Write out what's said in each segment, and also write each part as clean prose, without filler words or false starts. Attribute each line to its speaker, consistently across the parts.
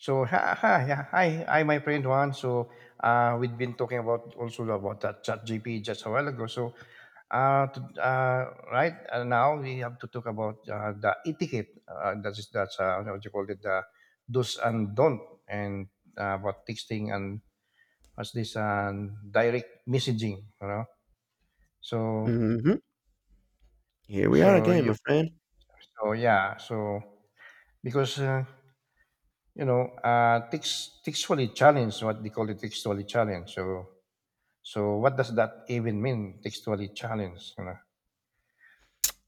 Speaker 1: So hi, my friend Juan. We've been talking about also about that chat GP just a while ago. Right now we have to talk about the etiquette. That is that's what you call it the do's and don't, and about texting and as this and direct messaging. You know, so
Speaker 2: Mhm. Here we are
Speaker 1: so
Speaker 2: again,
Speaker 1: you
Speaker 2: my friend.
Speaker 1: so yeah so because you know textually challenge what they call it textually challenge. So what does that even mean? Textually challenged, you know?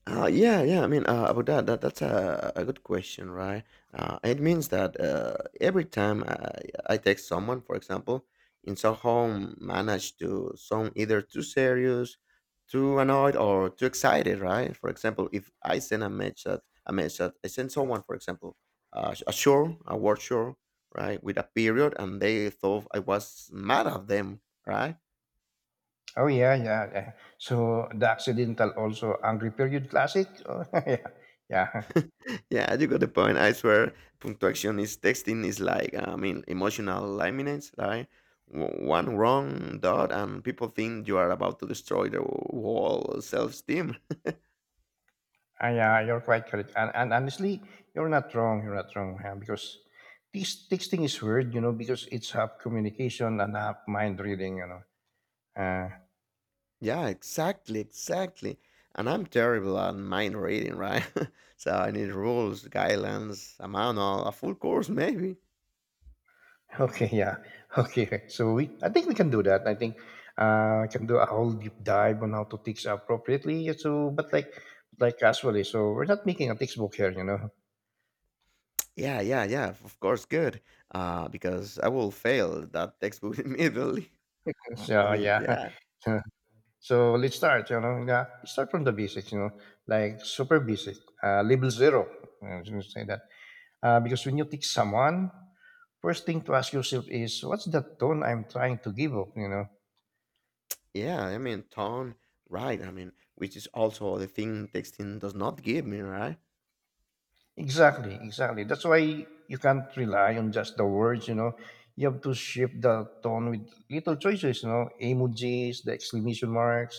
Speaker 2: Yeah, yeah. I mean, about that that's a good question, right? It means that every time I text someone, for example, in somehow manage to sound either too serious, too annoyed, or too excited, right? For example, if I send a message, I send someone, for example, a word sure, right, with a period, and they thought I was mad at them, right?
Speaker 1: Oh yeah, yeah, yeah. So the accidental also angry period classic. Oh, yeah, yeah,
Speaker 2: Yeah, you got the point. I swear, punctuation is texting is like I mean emotional laminates, right? One wrong dot, and people think you are about to destroy their whole self-esteem.
Speaker 1: Ah, yeah. You're quite correct, and honestly, you're not wrong. You're not wrong, yeah, because this texting is weird, you know, because it's half communication and half mind reading, you know. Uh,
Speaker 2: Yeah, exactly, exactly. And I'm terrible at mind reading, right? So I need rules, guidelines, a manual, a full course, maybe.
Speaker 1: Okay, yeah. Okay, so I think we can do that. I think I can do a whole deep dive on how to teach appropriately. So, but like casually. So we're not making a textbook here, you know.
Speaker 2: Yeah, yeah, yeah. Of course, good. Because I will fail that textbook immediately. I
Speaker 1: So
Speaker 2: mean,
Speaker 1: yeah.
Speaker 2: yeah.
Speaker 1: So let's start. You know, yeah. Start from the basics. You know, like super basic. Label zero. I was gonna say that because when you teach someone, first thing to ask yourself is, what's the tone I'm trying to give up? You know,
Speaker 2: Yeah, I mean, tone, right. I mean, which is also the thing texting does not give me, right?
Speaker 1: exactly, exactly. That's why you can't rely on just the words, you know. You have to shift the tone with little choices, you know, emojis, the exclamation marks,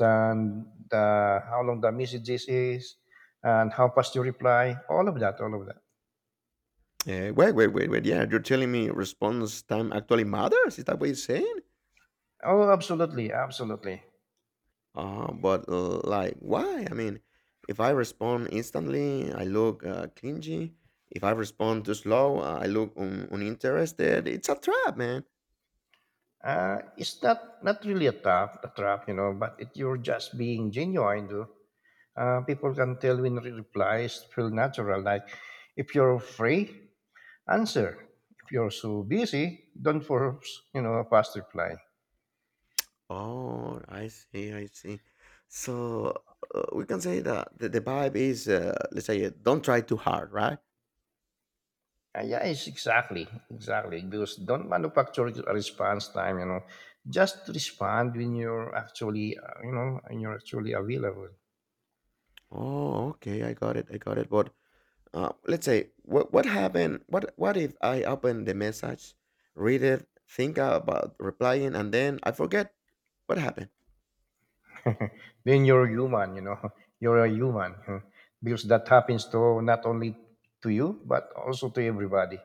Speaker 1: and the, how long the messages is, and how fast you reply, all of that, all of that.
Speaker 2: Wait, wait, wait, wait. Yeah, you're telling me response time actually matters? Is that what you're saying?
Speaker 1: Oh, absolutely, absolutely.
Speaker 2: But like, why? I mean, if I respond instantly, I look clingy. If I respond too slow, I look uninterested. It's a trap, man.
Speaker 1: It's not, not really a trap, you know, but if you're just being genuine, though, people can tell when replies feel natural. Like if you're free, answer. If you're so busy, don't force, you know, a fast reply.
Speaker 2: Oh, I see, I see. So we can say that the vibe is, let's say, don't try too hard, right?
Speaker 1: Yeah, it's exactly, exactly. Because don't manufacture a response time, you know. Just respond when you're actually, you know, when you're actually available.
Speaker 2: Oh, okay. I got it. I got it. But let's say what happened? What if I open the message, read it, think about replying, and then I forget what happened?
Speaker 1: When you're human, you know, you're a human, huh. Because that happens to not only to you, but also to everybody.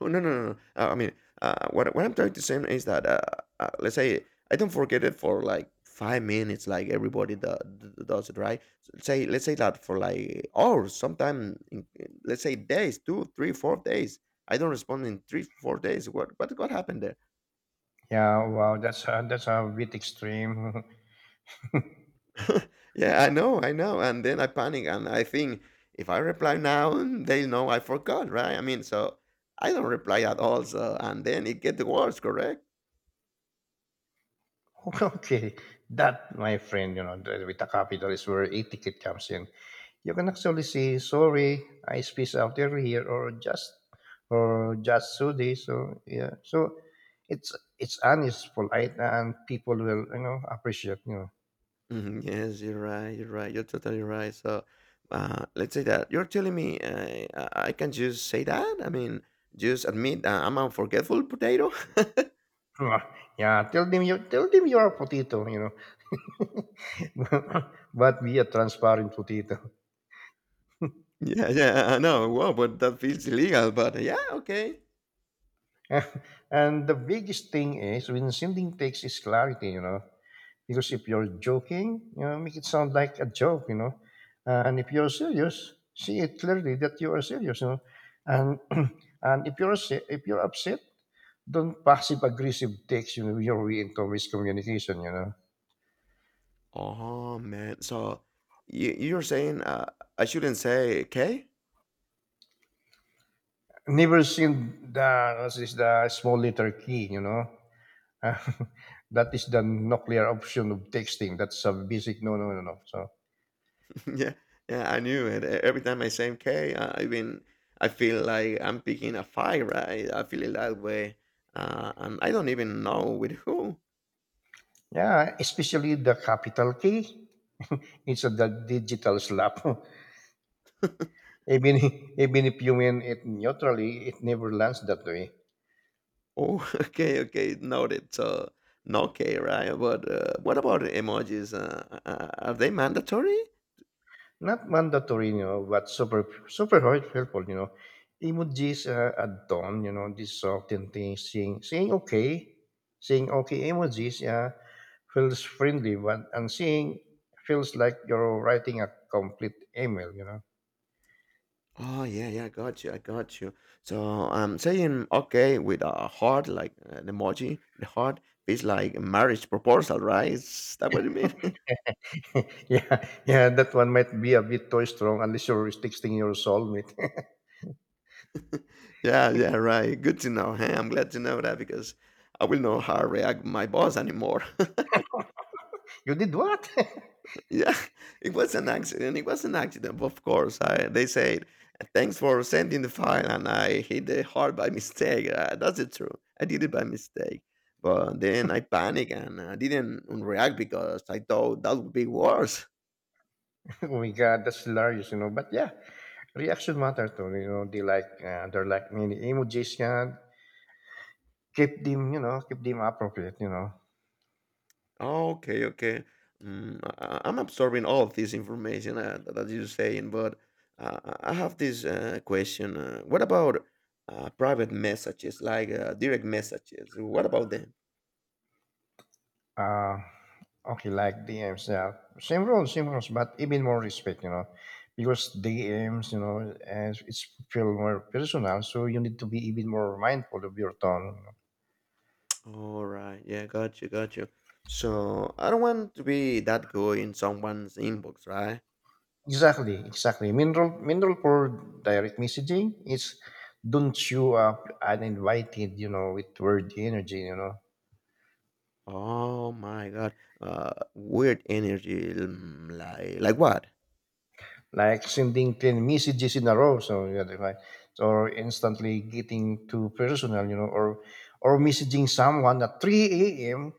Speaker 2: Oh, no, no, no. No. I mean, what I'm trying to say is that let's say I don't forget it for like 5 minutes, like everybody do, does it, right? So say let's say that for like hours, sometime let's say days, 2, 3, 4 days. I don't respond in 3, 4 days. What what happened there?
Speaker 1: Yeah, wow, that's a bit extreme.
Speaker 2: Yeah, I know, I know. And then I panic and I think if I reply now, they'll know I forgot, right? I mean, so I don't reply at all. So, and then it gets worse, correct?
Speaker 1: Okay, that, my friend, you know, with the capital is where etiquette comes in. You can actually say, sorry, I spaced out over here, or just so this, so yeah. So it's honest, polite, and people will, you know, appreciate, you know.
Speaker 2: Mhm, yes, you're right. You're right. You're totally right. So, let's say that you're telling me I can just say that. I mean, just admit I'm a forgetful potato.
Speaker 1: Ah, yeah, tell them you are a potato, you know, but be a transparent potato.
Speaker 2: Yeah, yeah, I know. Wow, but that feels illegal. But yeah, okay.
Speaker 1: And the biggest thing is when sending text is clarity, you know. Because if you're joking, you know, make it sound like a joke, you know. And if you're serious, see it clearly that you are serious, you know. And and if you're if you're upset, don't passive aggressive text, you know, your way into miscommunication, you know.
Speaker 2: Oh man. So you're saying I shouldn't say "okay"?
Speaker 1: Never seen the what's this the small letter key, you know. That is the nuclear option of texting. That's a basic no, no, no, no. So
Speaker 2: Yeah, yeah, I knew it. Every time I say "okay," I mean, I feel like I'm picking a fight, right? I feel it that way, and I don't even know with who.
Speaker 1: yeah, especially the capital K. It's a the digital slap. Even even if you mean it neutrally, it never lands that way.
Speaker 2: Oh, okay, okay, noted. So, no K, right? But what about emojis? Are they mandatory?
Speaker 1: Not mandatory, you know, but super super helpful, you know. Emojis at dawn, you know, this often thing saying okay, saying okay emojis, yeah, feels friendly, but and saying feels like you're writing a complete email, you know.
Speaker 2: Oh yeah, yeah, I got you, I got you. So I'm saying okay with a heart, like an emoji. The heart is like a marriage proposal, right? Is that what you mean?
Speaker 1: Yeah, yeah, that one might be a bit too strong unless you're texting your soulmate.
Speaker 2: Yeah, yeah, right. Good to know. Hey, I'm glad to know that because I will know how I react my boss anymore.
Speaker 1: You did what?
Speaker 2: Yeah, it was an accident. It was an accident, of course. I, they said, thanks for sending the file, and I hit the heart by mistake. That's the truth. I did it by mistake. But then I panicked and I didn't react because I thought that would be worse.
Speaker 1: Oh my god, that's hilarious, you know. But yeah. Reaction matter too, you know, they like, they're like mini emojis yan. Keep them, you know, keep them appropriate, you know.
Speaker 2: Oh, okay, okay. Am absorbing all of this information that you're saying, but I have this question. What about private messages, like direct messages? What about them?
Speaker 1: Uh, okay, like DMs, yeah. Same rules, but even more respect, you know. Because DMs, you know, and it's feel more personal, so you need to be even more mindful of your tone. You know.
Speaker 2: All right, yeah, got you, got you. So I don't want to be that guy in someone's inbox, right?
Speaker 1: Exactly, exactly. Main rule for direct messaging is don't show up uninvited, you know, with word energy, you know,
Speaker 2: Oh my God, weird energy, like what?
Speaker 1: like sending 10 messages in a row, so yeah, if I- or instantly getting too personal, you know, or messaging someone at 3 a.m,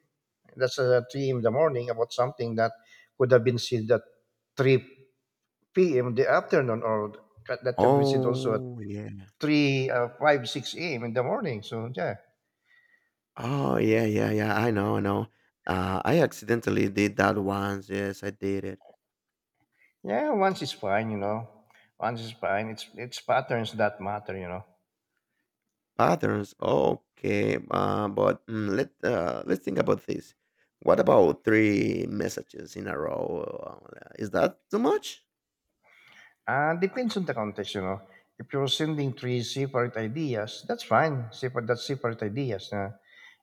Speaker 1: that's 3 in the morning, about something that could have been said at 3 p.m, the afternoon, or that that could be said also at
Speaker 2: Oh yeah.
Speaker 1: 3 5 6 a.m in the morning, so yeah.
Speaker 2: Oh, yeah, yeah, yeah. I know, I know. I accidentally did that once. Yes, I did it.
Speaker 1: Yeah, once is fine, you know. Once is fine, it's patterns that matter, you know.
Speaker 2: Patterns. Okay, but mm, let let's think about this. What about 3 messages in a row? Is that too much?
Speaker 1: Depends on the context, you know. If you're sending three separate ideas, that's fine. Separate, that's separate ideas.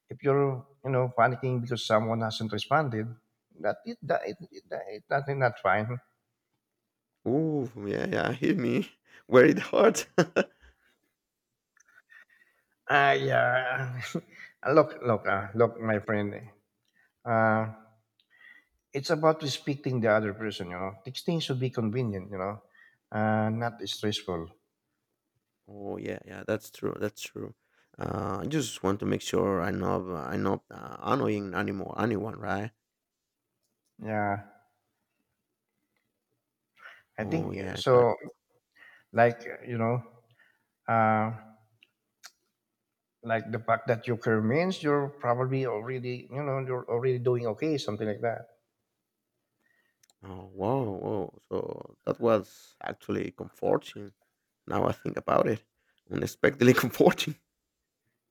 Speaker 1: If you're, you know, panicking because someone hasn't responded, that it, that it that is not fine.
Speaker 2: Ooh, yeah, yeah. Hit me where it hurts.
Speaker 1: I look, look, look, my friend. Uh, it's about respecting the other person, you know. Texting should be convenient, you know, not stressful.
Speaker 2: Oh yeah, yeah, that's true. That's true. I just want to make sure I know annoying anymore anyone, right?
Speaker 1: Yeah, I
Speaker 2: Oh
Speaker 1: think
Speaker 2: yeah,
Speaker 1: so.
Speaker 2: gotcha.
Speaker 1: Like you know. uh, like the fact that you career means you're probably already, you know, you're already doing okay, something like that.
Speaker 2: Oh, wow, wow. So that was actually comforting. Now I think about it, unexpectedly comforting.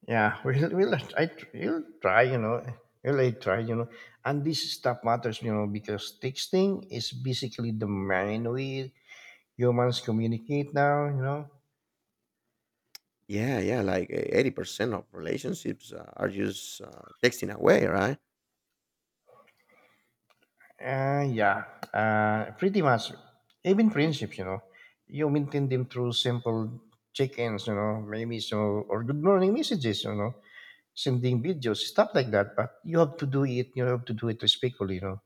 Speaker 1: Yeah, you'll try, you know, try, you know. And this stuff matters, you know, because texting is basically the main way humans communicate now, you know.
Speaker 2: Yeah, yeah, like 80% of relationships are just texting away, right?
Speaker 1: Yeah. Pretty much. Even friendships, you know. You maintain them through simple check-ins, you know, maybe so, or good morning messages, you know, sending videos, stuff like that. But you have to do it. You have to do it respectfully, you know.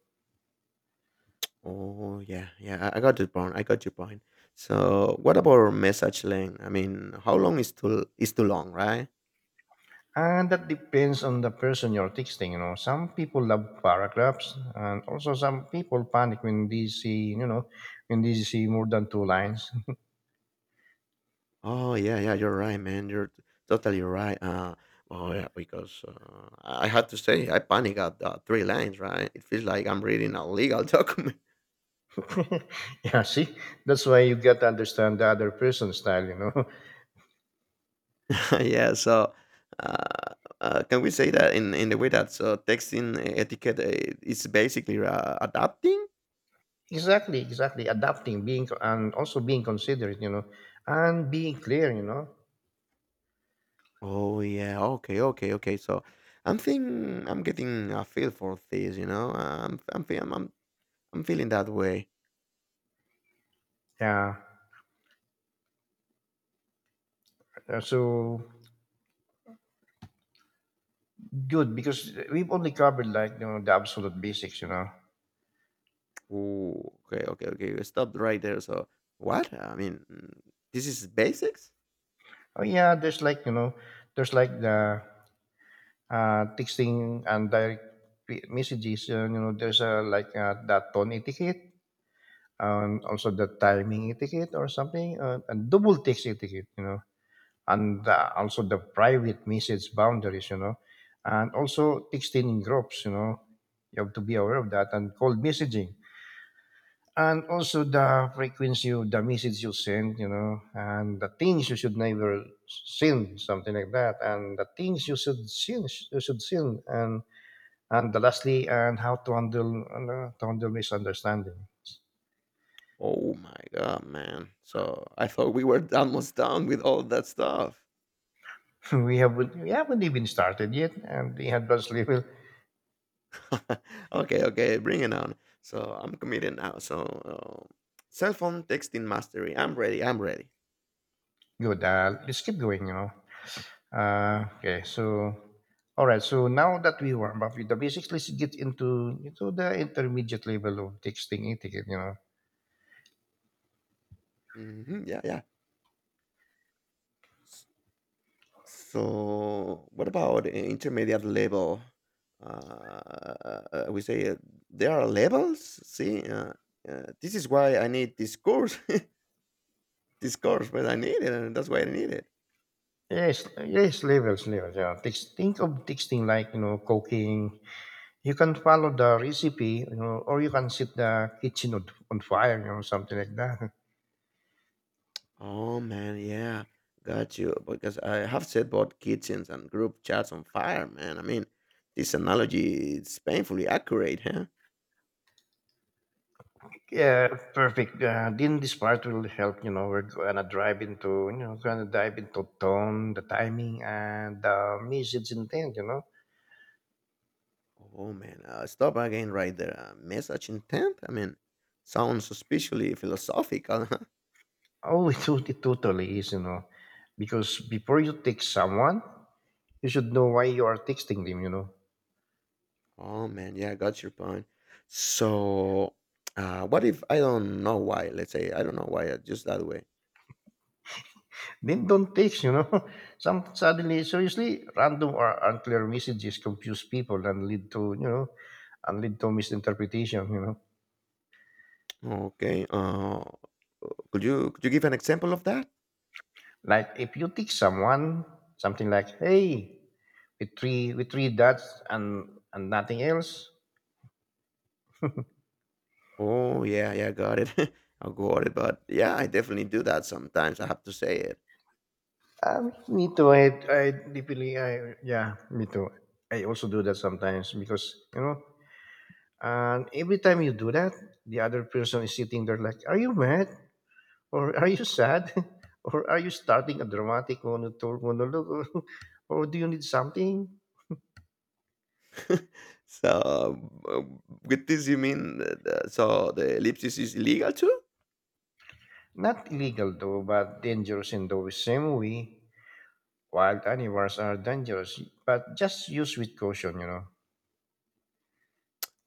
Speaker 2: Oh, yeah, yeah. I got your point. I got your point. So, what about message length? I mean, how long is too long, right?
Speaker 1: And that depends on the person you're texting. You know, some people love paragraphs, and also some people panic when they see, you know, when they see more than two lines.
Speaker 2: Oh yeah, yeah, you're right, man. You're totally right. Oh yeah, because I had to say I panic at 3 lines, right? It feels like I'm reading a legal document.
Speaker 1: Yeah, see, that's why you got to understand the other person's style. You know,
Speaker 2: Yeah, so uh, can we say that in the way that so texting etiquette is basically adapting?
Speaker 1: exactly, exactly. Adapting, being, and also being considerate. You know, and being clear. You know,
Speaker 2: Oh yeah, okay, okay, okay. So I'm thinking I'm getting a feel for this, you know. I'm fe- I'm feeling that way.
Speaker 1: yeah. So good, because we've only covered like, you know, the absolute basics. You know,
Speaker 2: Ooh, okay, okay, okay. Stop right there. So, what? I mean, this is basics?
Speaker 1: oh yeah, there's like, you know, there's like the texting and direct messages. You know, there's a like that tone etiquette, and also the timing etiquette or something, and double text etiquette. You know, and also the private message boundaries. You know, and also texting in groups. You know, you have to be aware of that and cold messaging and also the frequency of the message you send, you know, and the things you should never send, something like that, and the things you should send, and the lastly, and how to handle misunderstanding.
Speaker 2: Oh my god, man. So, I thought we were almost done with all that stuff.
Speaker 1: We haven't even started yet, and the advanced level.
Speaker 2: Okay, okay, bring it on. So, I'm committed now. So, cell phone texting mastery. I'm ready. I'm ready.
Speaker 1: Good, let's keep going, you know. Uh, okay, so all right, so now that we warm up with the basics, let's get into the intermediate level of texting etiquette, you know.
Speaker 2: Yeah, yeah. So what about an intermediate level? Uh, we say There are levels. See, this is why I need this course, this course, but I need it, and that's why I need it.
Speaker 1: Yes, yes, levels, levels. Yeah. Think of texting like, you know, cooking. You can follow the recipe, you know, or you can set the kitchen on fire, you know, something like that.
Speaker 2: Oh man, yeah, got you. Because I have set both kitchens and group chats on fire, man. I mean, this analogy is painfully accurate, huh?
Speaker 1: Yeah, perfect. Then this part will help. You know, we're gonna dive into, you know, gonna dive into tone, the timing, and the message intent. You know,
Speaker 2: Oh man, stop again right there. Message intent. I mean, sounds suspiciously philosophical.
Speaker 1: oh, it, it totally is. You know, because before you text someone, you should know why you are texting them. You know.
Speaker 2: Oh man, yeah, I got your point. So, what if I don't know why? Let's say I don't know why, just that way.
Speaker 1: Then don't text, you know. Some suddenly, seriously, random or unclear messages confuse people and lead to, you know, and lead to misinterpretation, you know.
Speaker 2: Okay. Could you could you give an example of that?
Speaker 1: Like if you text someone something like, "Hey, with three dots and nothing else,"
Speaker 2: Oh yeah, yeah, got it. I got it, but yeah, I definitely do that sometimes. I have to say it.
Speaker 1: me too. I deeply I Yeah, me too. I also do that sometimes because, you know, and every time you do that, the other person is sitting there like, "Are you mad?" Or are you sad? Or are you starting a dramatic monologue? Or, or do you need something?
Speaker 2: So, uh, with this, you mean the ellipsis is illegal too?
Speaker 1: Not illegal though, but dangerous in the same way. Wild animals are dangerous, but just use with caution, you know.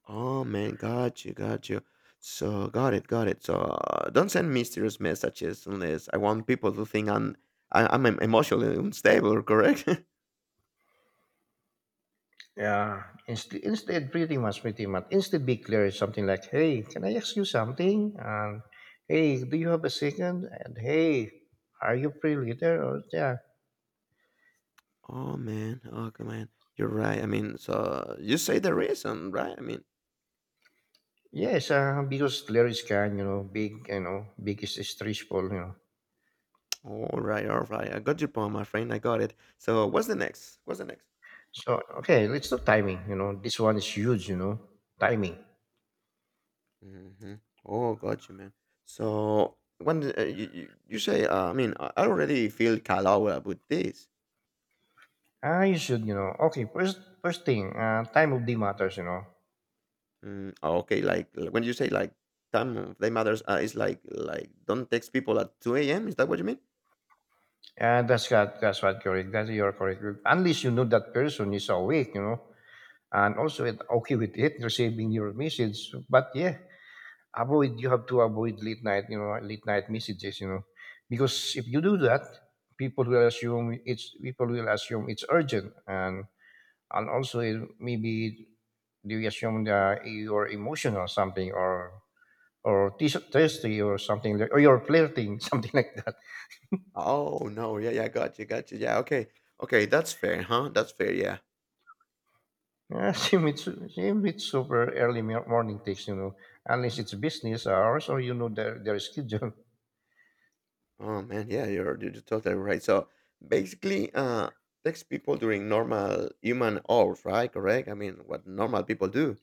Speaker 2: Oh man, got you, got you. So got it, got it. So don't send mysterious messages unless I want people to think I'm emotionally unstable, correct?
Speaker 1: Yeah. Instead, be clear. Something like, "Hey, can I ask you something?" And, "Hey, do you have a second?" And, "Hey, are you free later?" Or, yeah.
Speaker 2: Oh man, oh come on, you're right. I mean, so you say the reason, right? I mean,
Speaker 1: Yes, because clear is kind, you know, big is stressful, you know.
Speaker 2: all right, all right. I got your point, my friend. I got it. So what's the next? What's the next?
Speaker 1: So okay, let's do timing. You know, this one is huge. You know, timing.
Speaker 2: hmm Oh, got you, man. So when you say, I mean, I already feel callow about this.
Speaker 1: Ah, you should. You know, okay. First, first thing, time of day matters. You know,
Speaker 2: Mm, okay, like when you say like time of day matters, it's like don't text people at two a.m. Is that what you mean?
Speaker 1: and that's got that's what correct. That's you're correct. Unless you know that person is awake. You know, and also it, okay with it receiving your message. But yeah, avoid. You have to avoid late night. Late night messages. Because if you do that, people will assume it's urgent and also it, maybe they assume that you're emotional or something, or thirsty or something, like, or you're flirting something like that.
Speaker 2: Oh no, yeah, yeah, gotcha, gotcha. Yeah, okay, okay, that's fair, huh? That's fair, yeah.
Speaker 1: Yeah, same with same with super early morning takes, you know, unless it's business hours or you know their, schedule.
Speaker 2: Oh man, yeah, you're totally right. So basically, text people during normal human hours, right? Correct. I mean, what normal people do.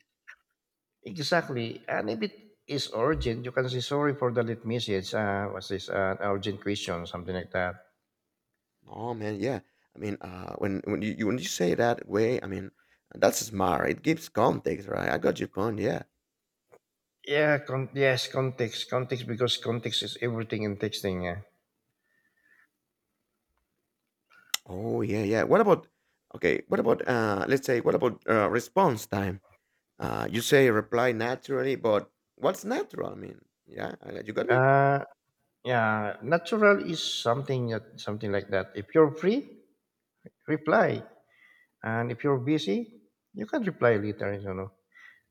Speaker 1: Exactly. And if it is urgent, you can say sorry for the late message, what's this, urgent question, something like that.
Speaker 2: Oh man, yeah. I mean, when you say that way, I mean that's smart. It gives context, right? I got your point. Yeah.
Speaker 1: Yeah, yes, context, context, because context is everything in texting. Yeah.
Speaker 2: Oh, yeah, yeah. What about okay, what about let's say what about response time? You say reply naturally, but what's natural I mean? Yeah, I you got me?
Speaker 1: Uh, Yeah, natural is something like that. If you're free, reply, and if you're busy, you can reply later. You know,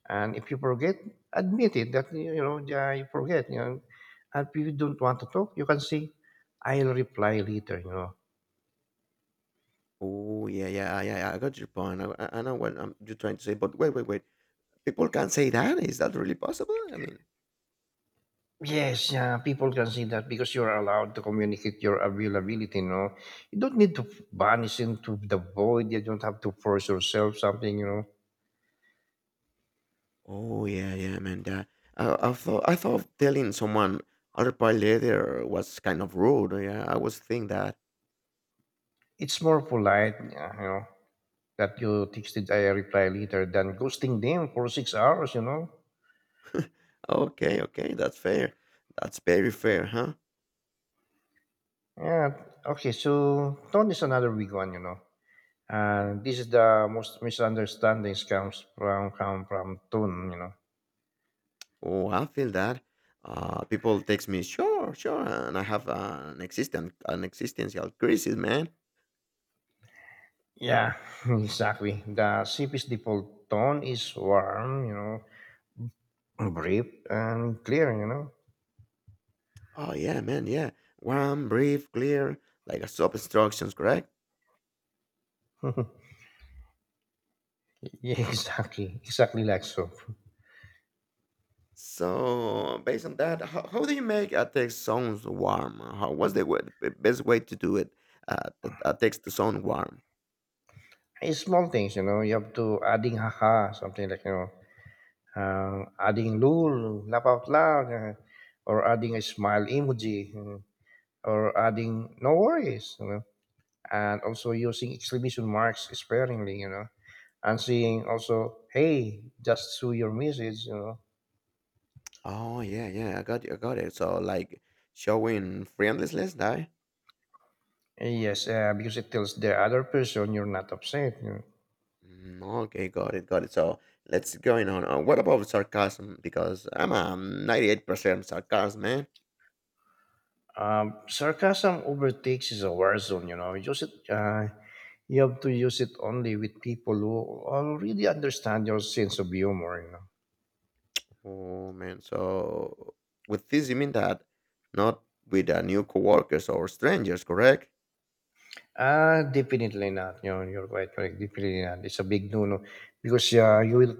Speaker 1: and if you forget, admit it that you know, yeah, you forget. You know, and if you don't want to talk, you can say, "I'll reply later." You know.
Speaker 2: Oh, yeah, yeah, yeah, yeah, I got your point. I I know what you're trying to say, but wait, wait, wait. People can't say that? Is that really possible? I mean,
Speaker 1: Yes, yeah, people can see that because you're allowed to communicate your availability. You know, you don't need to vanish into the void. You don't have to force yourself something. You know,
Speaker 2: oh, yeah, yeah, man. That, I thought telling someone I'll reply later was kind of rude. Yeah, I was think that.
Speaker 1: it's more polite, yeah. You know that you texted I reply later than ghosting them for 6 hours, you know?
Speaker 2: Okay, okay, that's fair. That's very fair, huh?
Speaker 1: Yeah. Okay, so tone is another big one, you know. And this is the most misunderstandings come from tone, you know.
Speaker 2: Oh, I feel that. People text me, sure, sure, and I have an existential crisis, man.
Speaker 1: Yeah, exactly. The CP's default tone is warm, you know, brief and clear, you know.
Speaker 2: Oh yeah, man, yeah. Warm, brief, clear, like a sub instructions, correct?
Speaker 1: Yeah, exactly. Exactly like so.
Speaker 2: So based on that, how do you make a text sounds warm? How what's the, way, the best way to do it? Uh, a text to sound warm.
Speaker 1: It's small things, you know. You have to adding haha, something like, you know, adding lol, laugh out loud, or adding a smile emoji, or adding no worries, you know, and also using exclamation marks sparingly, you know, and saying also, hey, just saw your message, you know.
Speaker 2: Oh yeah, yeah, I got you, I got it. So like showing friendlessness, right?
Speaker 1: Yes, because it tells the other person you're not upset. You
Speaker 2: Mm, okay, got it, got it. So let's going on. What about sarcasm? Because I'm a 98% sarcasm, man.
Speaker 1: know. Sarcasm overtakes is a war zone, you know. Use it, you have to use it only with people who already understand your sense of humor, you know.
Speaker 2: Oh man. So with this, you mean that not with new coworkers or strangers, correct?
Speaker 1: Definitely not. You're quite correct. Definitely not. It's a big no-no because you will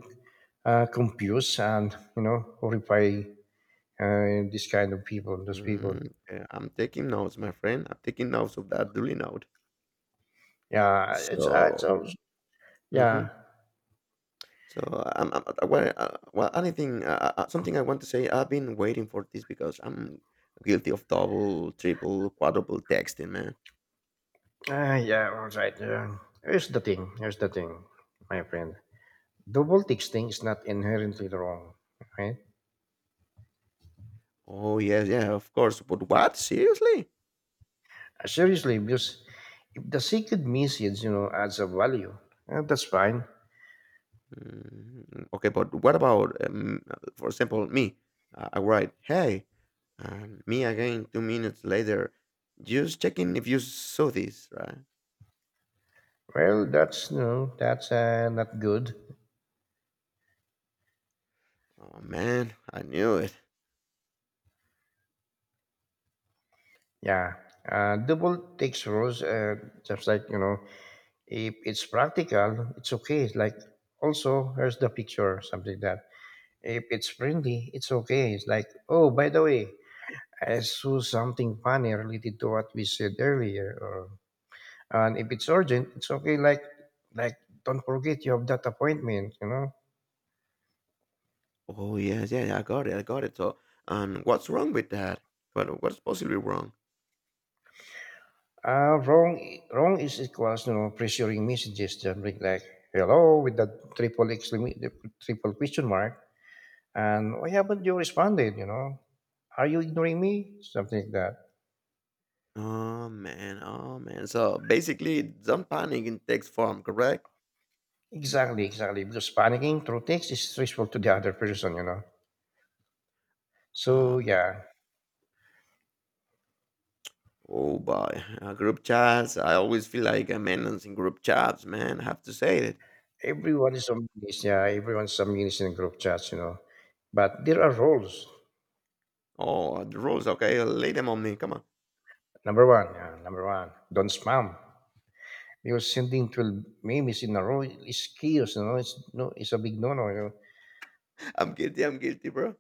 Speaker 1: confuse and you know horrify, this kind of people, those people.
Speaker 2: Mm, yeah, I'm taking notes, my friend. I'm taking notes of that duly note.
Speaker 1: Yeah, it's
Speaker 2: So,
Speaker 1: yeah,
Speaker 2: hmm so I'm well, well, anything, something I want to say. I've been waiting for this because I'm guilty of double, triple, quadruple texting, man.
Speaker 1: yeah. All right. Yeah. Here's the thing, my friend. The double thing is not inherently wrong, right?
Speaker 2: Oh, yes, yeah, of course. But what? Seriously?
Speaker 1: Seriously, because if the secret message, you know, adds a value, that's fine.
Speaker 2: Mm, okay, but what about, for example, me? I write, hey, and me again 2 minutes later, just checking if you saw this, right?
Speaker 1: Well, that's you know, that's not good.
Speaker 2: Oh, man, I knew it.
Speaker 1: Yeah, double takes rules. Just like you know, if it's practical, it's okay. It's like also here's the picture, something like that. If it's friendly, it's okay. It's like oh, by the way, I saw something funny related to what we said earlier. Or and if it's urgent, it's okay. Like don't forget you have that appointment. You know,
Speaker 2: Oh, yes, yeah, yeah, I got it. So, and what's wrong with that? What's possibly wrong?
Speaker 1: uh, wrong wrong is equals you know pressuring messages. Something like, hello with that triple exclamation, triple question mark. And why haven't you responded? You know, are you ignoring me? Something like that.
Speaker 2: Oh, man, oh, man. So, basically, don't panic in text form, correct?
Speaker 1: Exactly, exactly. Because panicking through text is stressful to the other person, you know. So
Speaker 2: Oh, man.
Speaker 1: yeah,
Speaker 2: Oh boy, group chats. I always feel like a menace in group chats, man. I have to say it.
Speaker 1: yeah, everyone's somebody's in group chats, you know. But there are rules.
Speaker 2: Oh, the rules, okay? Lay them on me. Come on.
Speaker 1: Yeah, number one, don't spam. Because sending 12 memes in a row is chaos, you know. It's no, it's a big no-no, you know.
Speaker 2: I'm guilty, bro.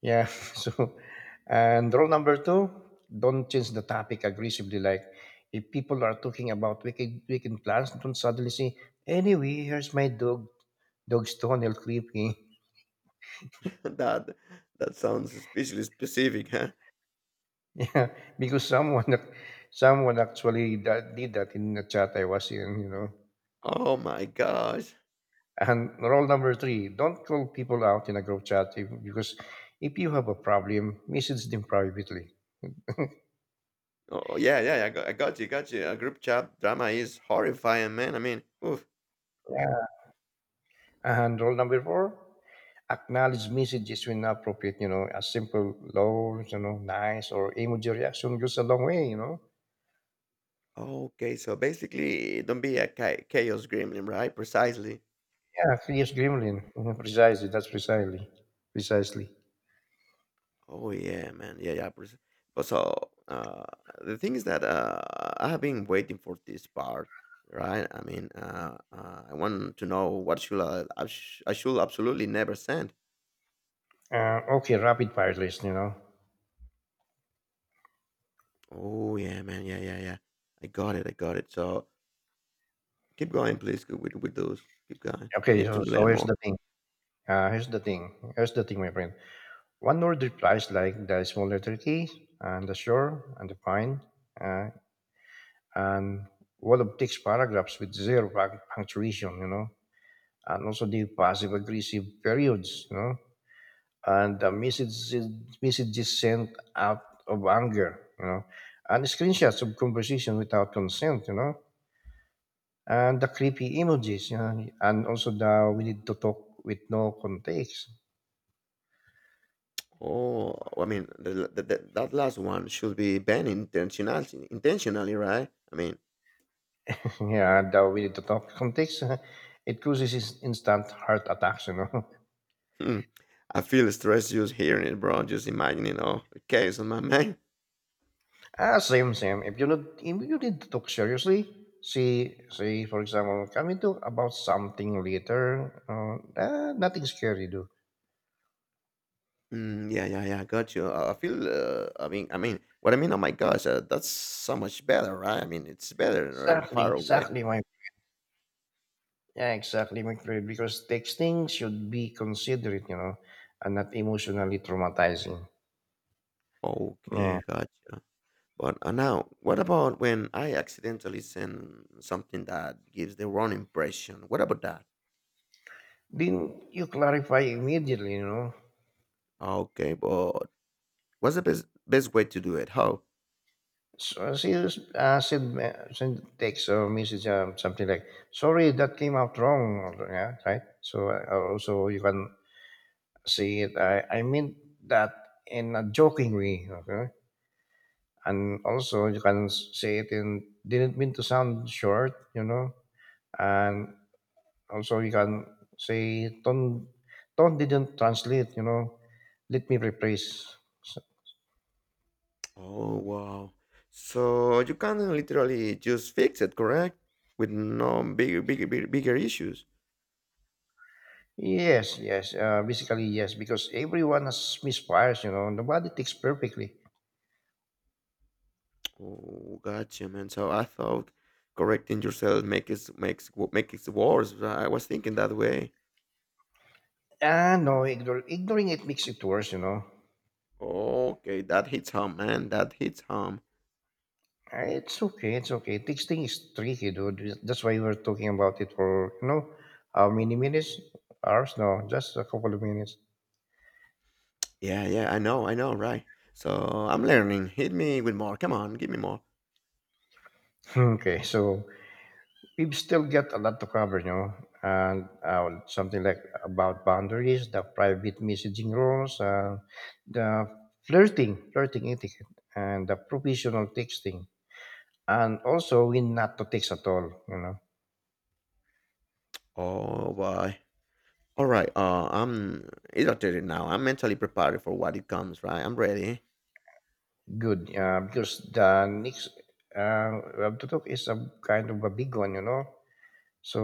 Speaker 1: Yeah. So, and rule number two, don't change the topic aggressively. Like, if people are talking about weekend plans, don't suddenly say, "Anyway, here's my dog's toenail clipping."
Speaker 2: that that sounds especially specific, huh?
Speaker 1: Yeah, because someone someone actually that did that in the chat I was in. You know.
Speaker 2: Oh my gosh.
Speaker 1: And rule number three, don't call people out in a group chat if, because if you have a problem, message them privately.
Speaker 2: Oh yeah, yeah. I got you. Got you. A group chat drama is horrifying, man. I mean, oof.
Speaker 1: Yeah. And rule number four, acknowledge messages when appropriate, you know, a simple low, you know, nice or emoji reaction goes a long way, you know.
Speaker 2: Okay, so basically, don't be a chaos gremlin, right? Precisely.
Speaker 1: Yeah, yes, gremlin. Mhm, precisely, that's precisely. Precisely.
Speaker 2: Oh yeah, man. Yeah, yeah. But so uh, the thing is that I have been waiting for this part, right? I mean, I want to know what should I should absolutely never send.
Speaker 1: Okay, rapid fire list, you know.
Speaker 2: Oh yeah, man. Yeah, yeah, yeah. I got it. So keep going, please. Go With those, keep going. I
Speaker 1: Okay,
Speaker 2: need to
Speaker 1: so
Speaker 2: learn
Speaker 1: here's
Speaker 2: more.
Speaker 1: the thing. Here's the thing, my friend. One word replies like the small letter T and the sure and the fine, uh, and all of text paragraphs with zero punctuation, you know, and also the passive aggressive periods, you know, and the messages sent out of anger, you know, and screenshots of conversation without consent, you know, and the creepy emojis, you know, and also the we need to talk with no context.
Speaker 2: Oh, I mean, that last one should be banned intentionally, intentionally, right? I mean,
Speaker 1: Yeah, the we need to talk context. It causes instant heart attacks, you know.
Speaker 2: hmm. I feel stressed just hearing it, bro. Just imagining all the chaos on my mind.
Speaker 1: Ah, same, same. If you need to talk seriously, say for example, can we talk about something later? Ah, nothing scary, do.
Speaker 2: Mm, yeah, yeah, yeah. Got you. I feel. I mean, what I mean. Oh my gosh, that's so much better, right? I mean, it's better
Speaker 1: Exactly,
Speaker 2: far away.
Speaker 1: exactly, my Yeah, exactly, my, because texting should be considerate, you know, and not emotionally traumatizing. Yeah.
Speaker 2: Okay, gotcha. But now, what about when I accidentally send something that gives the wrong impression? What about that?
Speaker 1: Then you clarify immediately, you know.
Speaker 2: Okay, but what's the best way to do it? How?
Speaker 1: So she send text or message, something like, sorry, that came out wrong. Yeah, right? So also you can say it, I meant that in a joking way, okay? And also you can say it in, didn't mean to sound short, you know. And also, you can say Ton didn't translate, you know. Let me rephrase. So-
Speaker 2: Oh, wow. So you can literally just fix it, correct? With no bigger issues.
Speaker 1: yes, yes. Basically, yes, because everyone has misfires, you know. Nobody takes perfectly.
Speaker 2: Oh, gotcha, man. So I thought correcting yourself makes it worse. I was thinking that way.
Speaker 1: Ah, no, ignoring it makes it worse, you know.
Speaker 2: Okay, that hits home, man. That hits home.
Speaker 1: Ah, it's okay, it's okay. Texting is tricky, dude. That's why we were talking about it for, you know, how many minutes? Hours? No, just a couple of minutes.
Speaker 2: Yeah, yeah, I know, right. So I'm learning. Hit me with more. Come on, give me more.
Speaker 1: Okay, so we still get a lot to cover, you know, and something like about boundaries, the private messaging rules, the flirting etiquette, and the provisional texting, and also when not to text at all, you know.
Speaker 2: Oh, boy. All right. I'm irritated now. I'm mentally prepared for what it comes. Right, I'm ready.
Speaker 1: Good, because the next uh, we have to talk is a kind of a big one, you know. So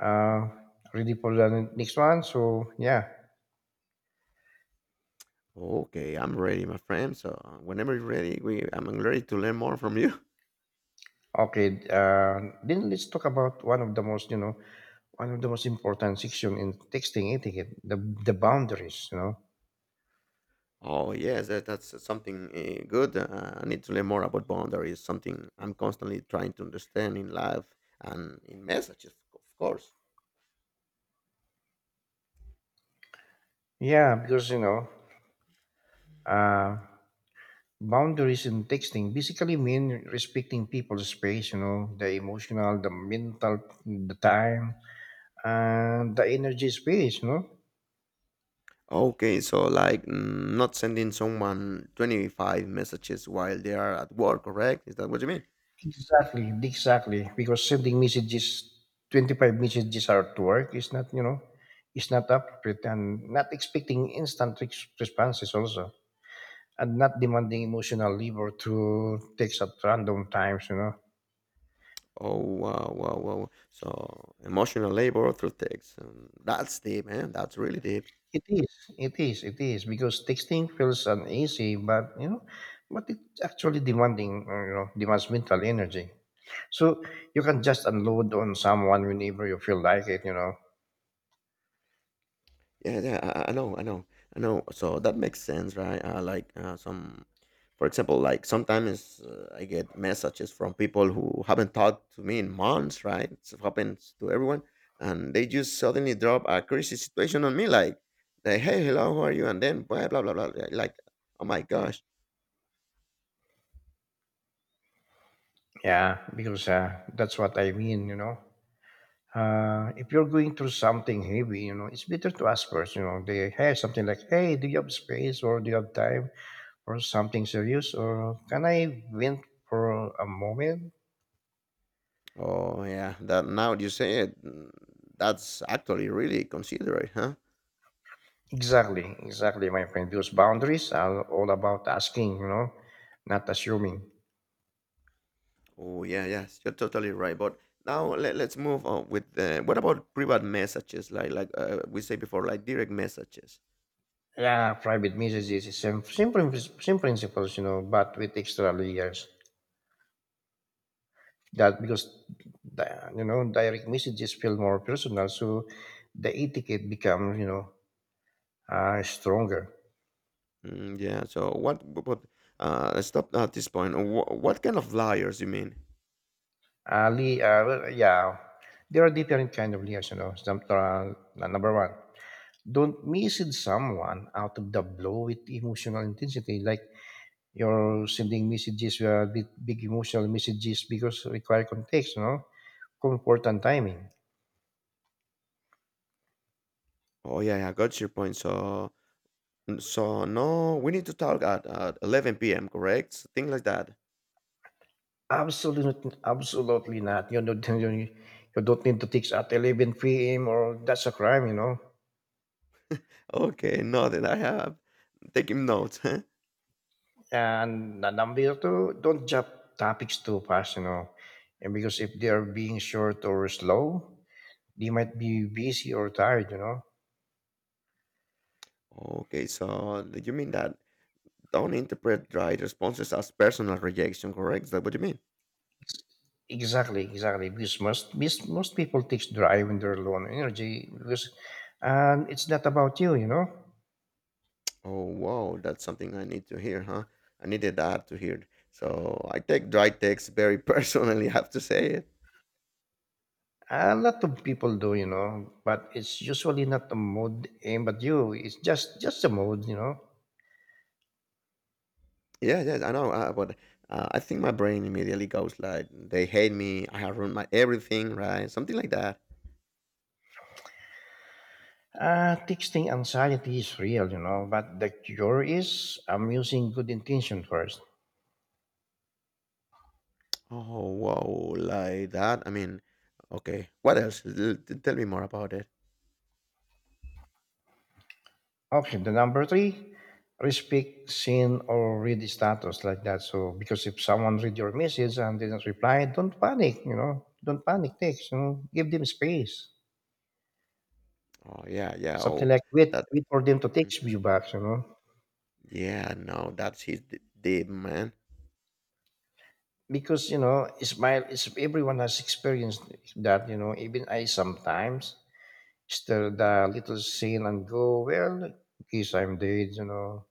Speaker 1: uh, ready for the next one. So yeah.
Speaker 2: Okay, I'm ready, my friend. So whenever you're ready, we I'm ready to learn more from you.
Speaker 1: Okay, then let's talk about one of the most important section in texting etiquette, the boundaries, you know.
Speaker 2: Oh yes, that's something good. I need to learn more about boundaries. Something I'm constantly trying to understand in life and in messages, of course.
Speaker 1: Yeah, because you know, uh, boundaries in texting basically mean respecting people's space, you know, the emotional, the mental, the time, and the energy space, you know.
Speaker 2: Okay, so like mm, not sending someone 25 messages while they are at work, correct? Is that what you mean?
Speaker 1: Exactly, exactly. Because 25 messages are to work is not, you know, is not appropriate, and not expecting instant responses also, and not demanding emotional labor through text at random times, you know.
Speaker 2: Oh wow, wow, wow. So emotional labor through text. That's deep, man. That's really deep.
Speaker 1: It is, it is, because texting feels uneasy, but, you know, but it's actually demanding, demands mental energy. So you can just unload on someone whenever you feel like it, you know.
Speaker 2: Yeah, yeah, I know. So that makes sense, right? For example, like sometimes I get messages from people who haven't talked to me in months, right? It happens to everyone, and they just suddenly drop a crazy situation on me, "Hey, hello, how are you?" And then blah blah blah blah, like, oh my gosh,
Speaker 1: Yeah, because that's what I mean, you know. If you're going through something heavy, you know, it's better to ask first, you know, they have something like, hey, do you have space or do you have time or something serious, or can I vent for a moment?
Speaker 2: oh yeah, that now you say it, mm, that's actually really considerate, huh?
Speaker 1: Exactly, exactly, my friend. Those boundaries are all about asking, you know, not assuming.
Speaker 2: Oh yeah, yes, you're totally right. But now let's move on with what about private messages? We say before, like direct messages.
Speaker 1: Yeah, private messages is same, same principles, you know, but with extra layers. That because, you know, direct messages feel more personal, so the etiquette becomes, you know, stronger.
Speaker 2: Mm, yeah. So what? Let's stop at this point. What kind of liars you mean?
Speaker 1: Well, yeah, there are different kind of liars. You know, some, number one, don't message someone out of the blue with emotional intensity, like you're sending messages with big emotional messages because require context. You know, comfort and timing.
Speaker 2: Oh yeah, yeah, I got your point. So so no, we need to talk at 11 p.m. Correct? Thing like that.
Speaker 1: Absolutely, absolutely not. You don't, you don't need to text at 11 p.m. or that's a crime. You know.
Speaker 2: Okay, no, then I have taking notes.
Speaker 1: And the number two, don't jump topics too fast, you know, and because if they are being short or slow, they might be busy or tired, you know.
Speaker 2: Okay, so you mean that don't interpret dry responses as personal rejection? Correct? Is that what you mean?
Speaker 1: Exactly, exactly. Because most people takes drive when they're low on energy because, and it's not about you, you know.
Speaker 2: Oh, wow, that's something I need to hear, huh? I needed that to hear. So I take dry text very personally, I have to say it.
Speaker 1: A lot of people do, you know, but it's usually not the mood aimed at you. It's just the mood, you know.
Speaker 2: Yeah, yes, I know, but I think my brain immediately goes like, they hate me, I have ruined my everything, right? Something like that.
Speaker 1: Texting anxiety is real, you know, but the cure is I'm using good intention first.
Speaker 2: Oh, wow, like that? I mean, okay, what else? Tell me more about it.
Speaker 1: Okay, the number three, respect seen or read the status like that. So because if someone read your message and didn't reply, don't panic, you know. Don't panic text, you know. Give them space.
Speaker 2: Oh, yeah, yeah,
Speaker 1: Something
Speaker 2: oh,
Speaker 1: like
Speaker 2: that,
Speaker 1: wait for them to text
Speaker 2: mhm.
Speaker 1: you back, you know.
Speaker 2: Yeah, no, that's his deep, man.
Speaker 1: Because you know, smile is everyone has experienced that, you know, even I sometimes stir the little scene and go, well, in case I'm dead, you know.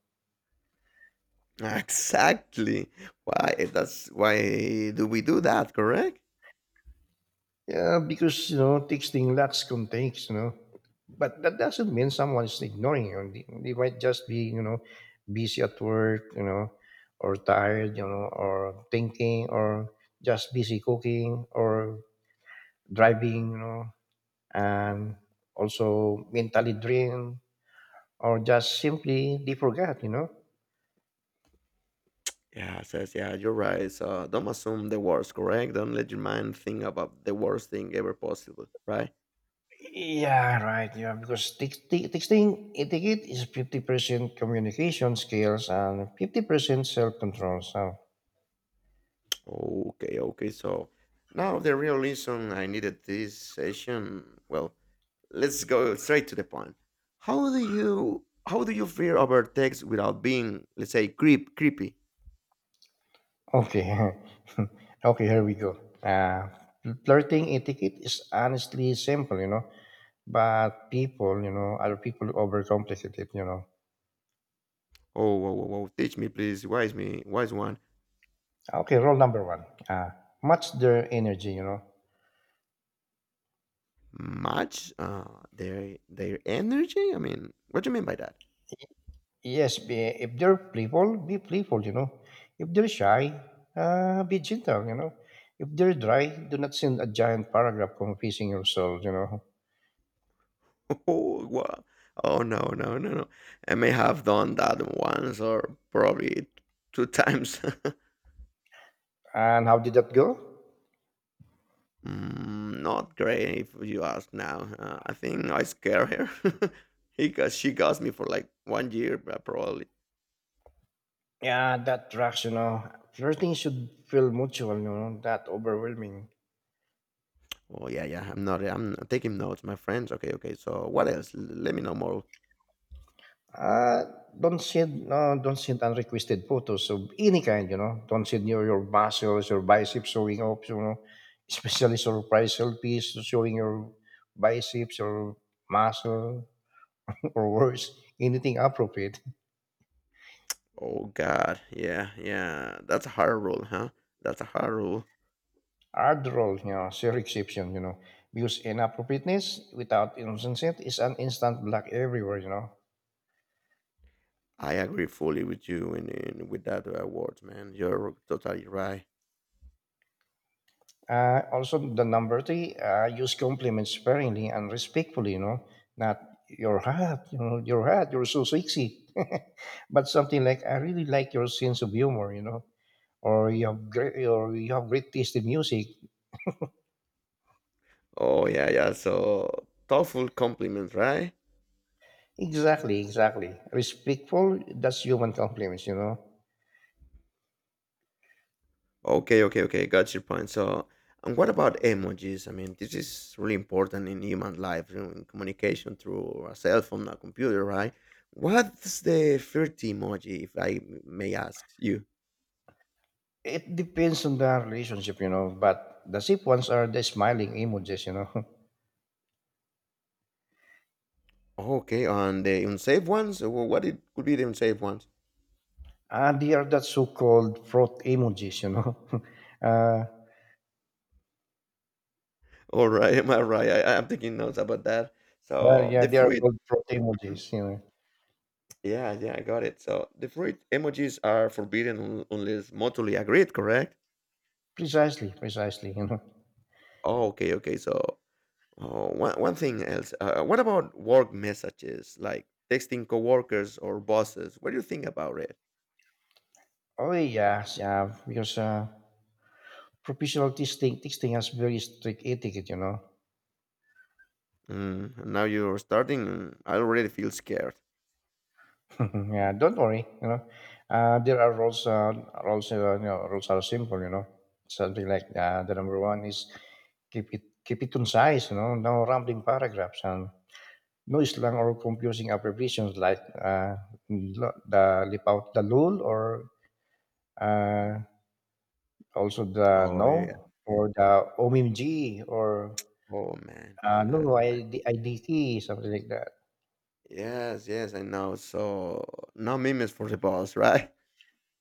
Speaker 2: Exactly. Why do we do that, correct?
Speaker 1: Yeah, because you know texting lacks context, you know. But that doesn't mean someone is ignoring you. They might just be, busy at work, or tired, or thinking, or just busy cooking or driving, and also mentally drained, or just simply they forgot.
Speaker 2: Yeah, you're right. So don't assume the worst, correct? Don't let your mind think about the worst thing ever possible, right?
Speaker 1: Yeah, right. Yeah, because texting etiquette is 50% communication skills and 50% self control. So
Speaker 2: Okay, okay. So now the real reason I needed this session, well, let's go straight to the point. How do you fear over text without being, let's say, creepy?
Speaker 1: okay. Okay, here we go. Flirting etiquette is honestly simple, but people, other people overcomplicate it.
Speaker 2: Oh, whoa, whoa, whoa. Teach me, please, wise me, wise one.
Speaker 1: Okay, rule number one, match their energy.
Speaker 2: Match their their energy? I mean, what do you mean by that?
Speaker 1: Yes, be, if they're playful, be playful. If they're shy, be gentle. If they're dry, do not send a giant paragraph confessing yourself.
Speaker 2: Oh, wow. Oh no, no, no, no. I may have done that once or probably two times.
Speaker 1: And how did that go?
Speaker 2: Mm, not great if you ask now. I think I scared her because she got me for like 1 year probably.
Speaker 1: Yeah, that tracks. Flirting should feel mutual, that overwhelming.
Speaker 2: Oh yeah, yeah. I'm not. I'm taking notes, my friends. Okay, okay. So what else? Let me know more.
Speaker 1: Uh, don't send, no, don't send unrequested photos of any kind. Don't send your muscles, your biceps showing up. Especially surprise selfies showing your biceps or muscle or worse, anything appropriate.
Speaker 2: Oh God, yeah, yeah. That's a hard rule, huh? That's a hard rule.
Speaker 1: After all, sheer exception. Because inappropriateness without innocent consent is an instant black everywhere.
Speaker 2: I agree fully with you in with that award, man. You're totally right.
Speaker 1: Also, the number three, use compliments sparingly and respectfully, not your hat, your hat, you're so sexy. But something like, I really like your sense of humor, or you have great, or you have great taste in music.
Speaker 2: Oh yeah, yeah. So thoughtful compliment, right?
Speaker 1: Exactly, exactly. Respectful, that's human compliments.
Speaker 2: Okay, okay, okay. Got your point. So, and what about emojis? I mean, this is really important in human life, you know, in communication through a cell phone, a computer, right? What's the third emoji, if I may ask you?
Speaker 1: It depends on the relationship, but the safe ones are the smiling emojis.
Speaker 2: Okay, and the unsafe ones. What it could be the unsafe ones?
Speaker 1: And they are that so-called fraud emojis. uh,
Speaker 2: All right, am I right? I'm taking notes about that. So
Speaker 1: Yeah,
Speaker 2: the
Speaker 1: they are
Speaker 2: fruit.
Speaker 1: called
Speaker 2: Mm-hmm.
Speaker 1: proteinogenics.
Speaker 2: Yeah, yeah, I got it. So the fruit emojis are forbidden unless mutually agreed, correct?
Speaker 1: Precisely, precisely.
Speaker 2: Oh, okay, okay. So one thing else. What about work messages, like texting coworkers or bosses? What do you think about it?
Speaker 1: Oh yes, yeah, because professional testing has very strict etiquette.
Speaker 2: Mm, now you're starting. Mm, I already feel scared.
Speaker 1: Yeah, don't worry. There are rules, rules, rules are simple. Something like the number one is keep it concise. No rambling paragraphs and no slang or confusing abbreviations like the leap out the lul or uh, also the
Speaker 2: Oh yeah.
Speaker 1: no or the OMG or
Speaker 2: Oh man.
Speaker 1: no
Speaker 2: Uh, I-
Speaker 1: ID, IDT something like that.
Speaker 2: yes, yes, I know. So no memes for the boss, right?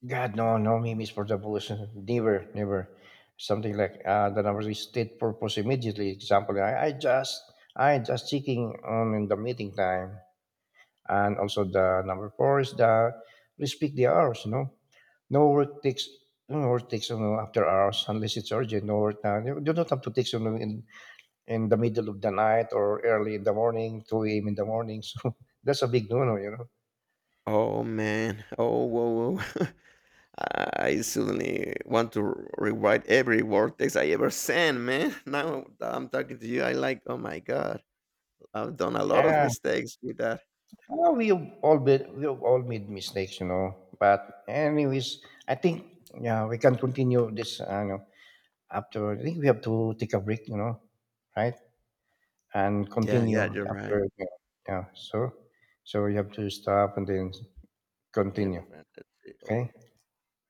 Speaker 1: God no, no meme for the bullish. Never, never something like the number is state purpose immediately. Example, I just checking on in the meeting time, and also the number four is the respect the hours. You know, no work takes after hours unless it's urgent. No work now you do not have to take, in the middle of the night or early in the morning, 2 a.m. in the morning. So that's a big no-no.
Speaker 2: Oh man. Oh whoa, whoa. I suddenly want to rewrite every word text I ever sent, man. Now that I'm talking to you, I like, oh my god, I've done a lot of
Speaker 1: Yeah,
Speaker 2: mistakes with that.
Speaker 1: well, we've all made mistakes, But anyways, I think yeah, we can continue this. After, I think we have to take a break, right, and
Speaker 2: Yeah, yeah,
Speaker 1: continue
Speaker 2: you're right.
Speaker 1: after. Yeah, yeah. So you have to stop and then
Speaker 2: Yeah, my
Speaker 1: continue.
Speaker 2: friend. Let's see.
Speaker 1: Okay.
Speaker 2: Okay.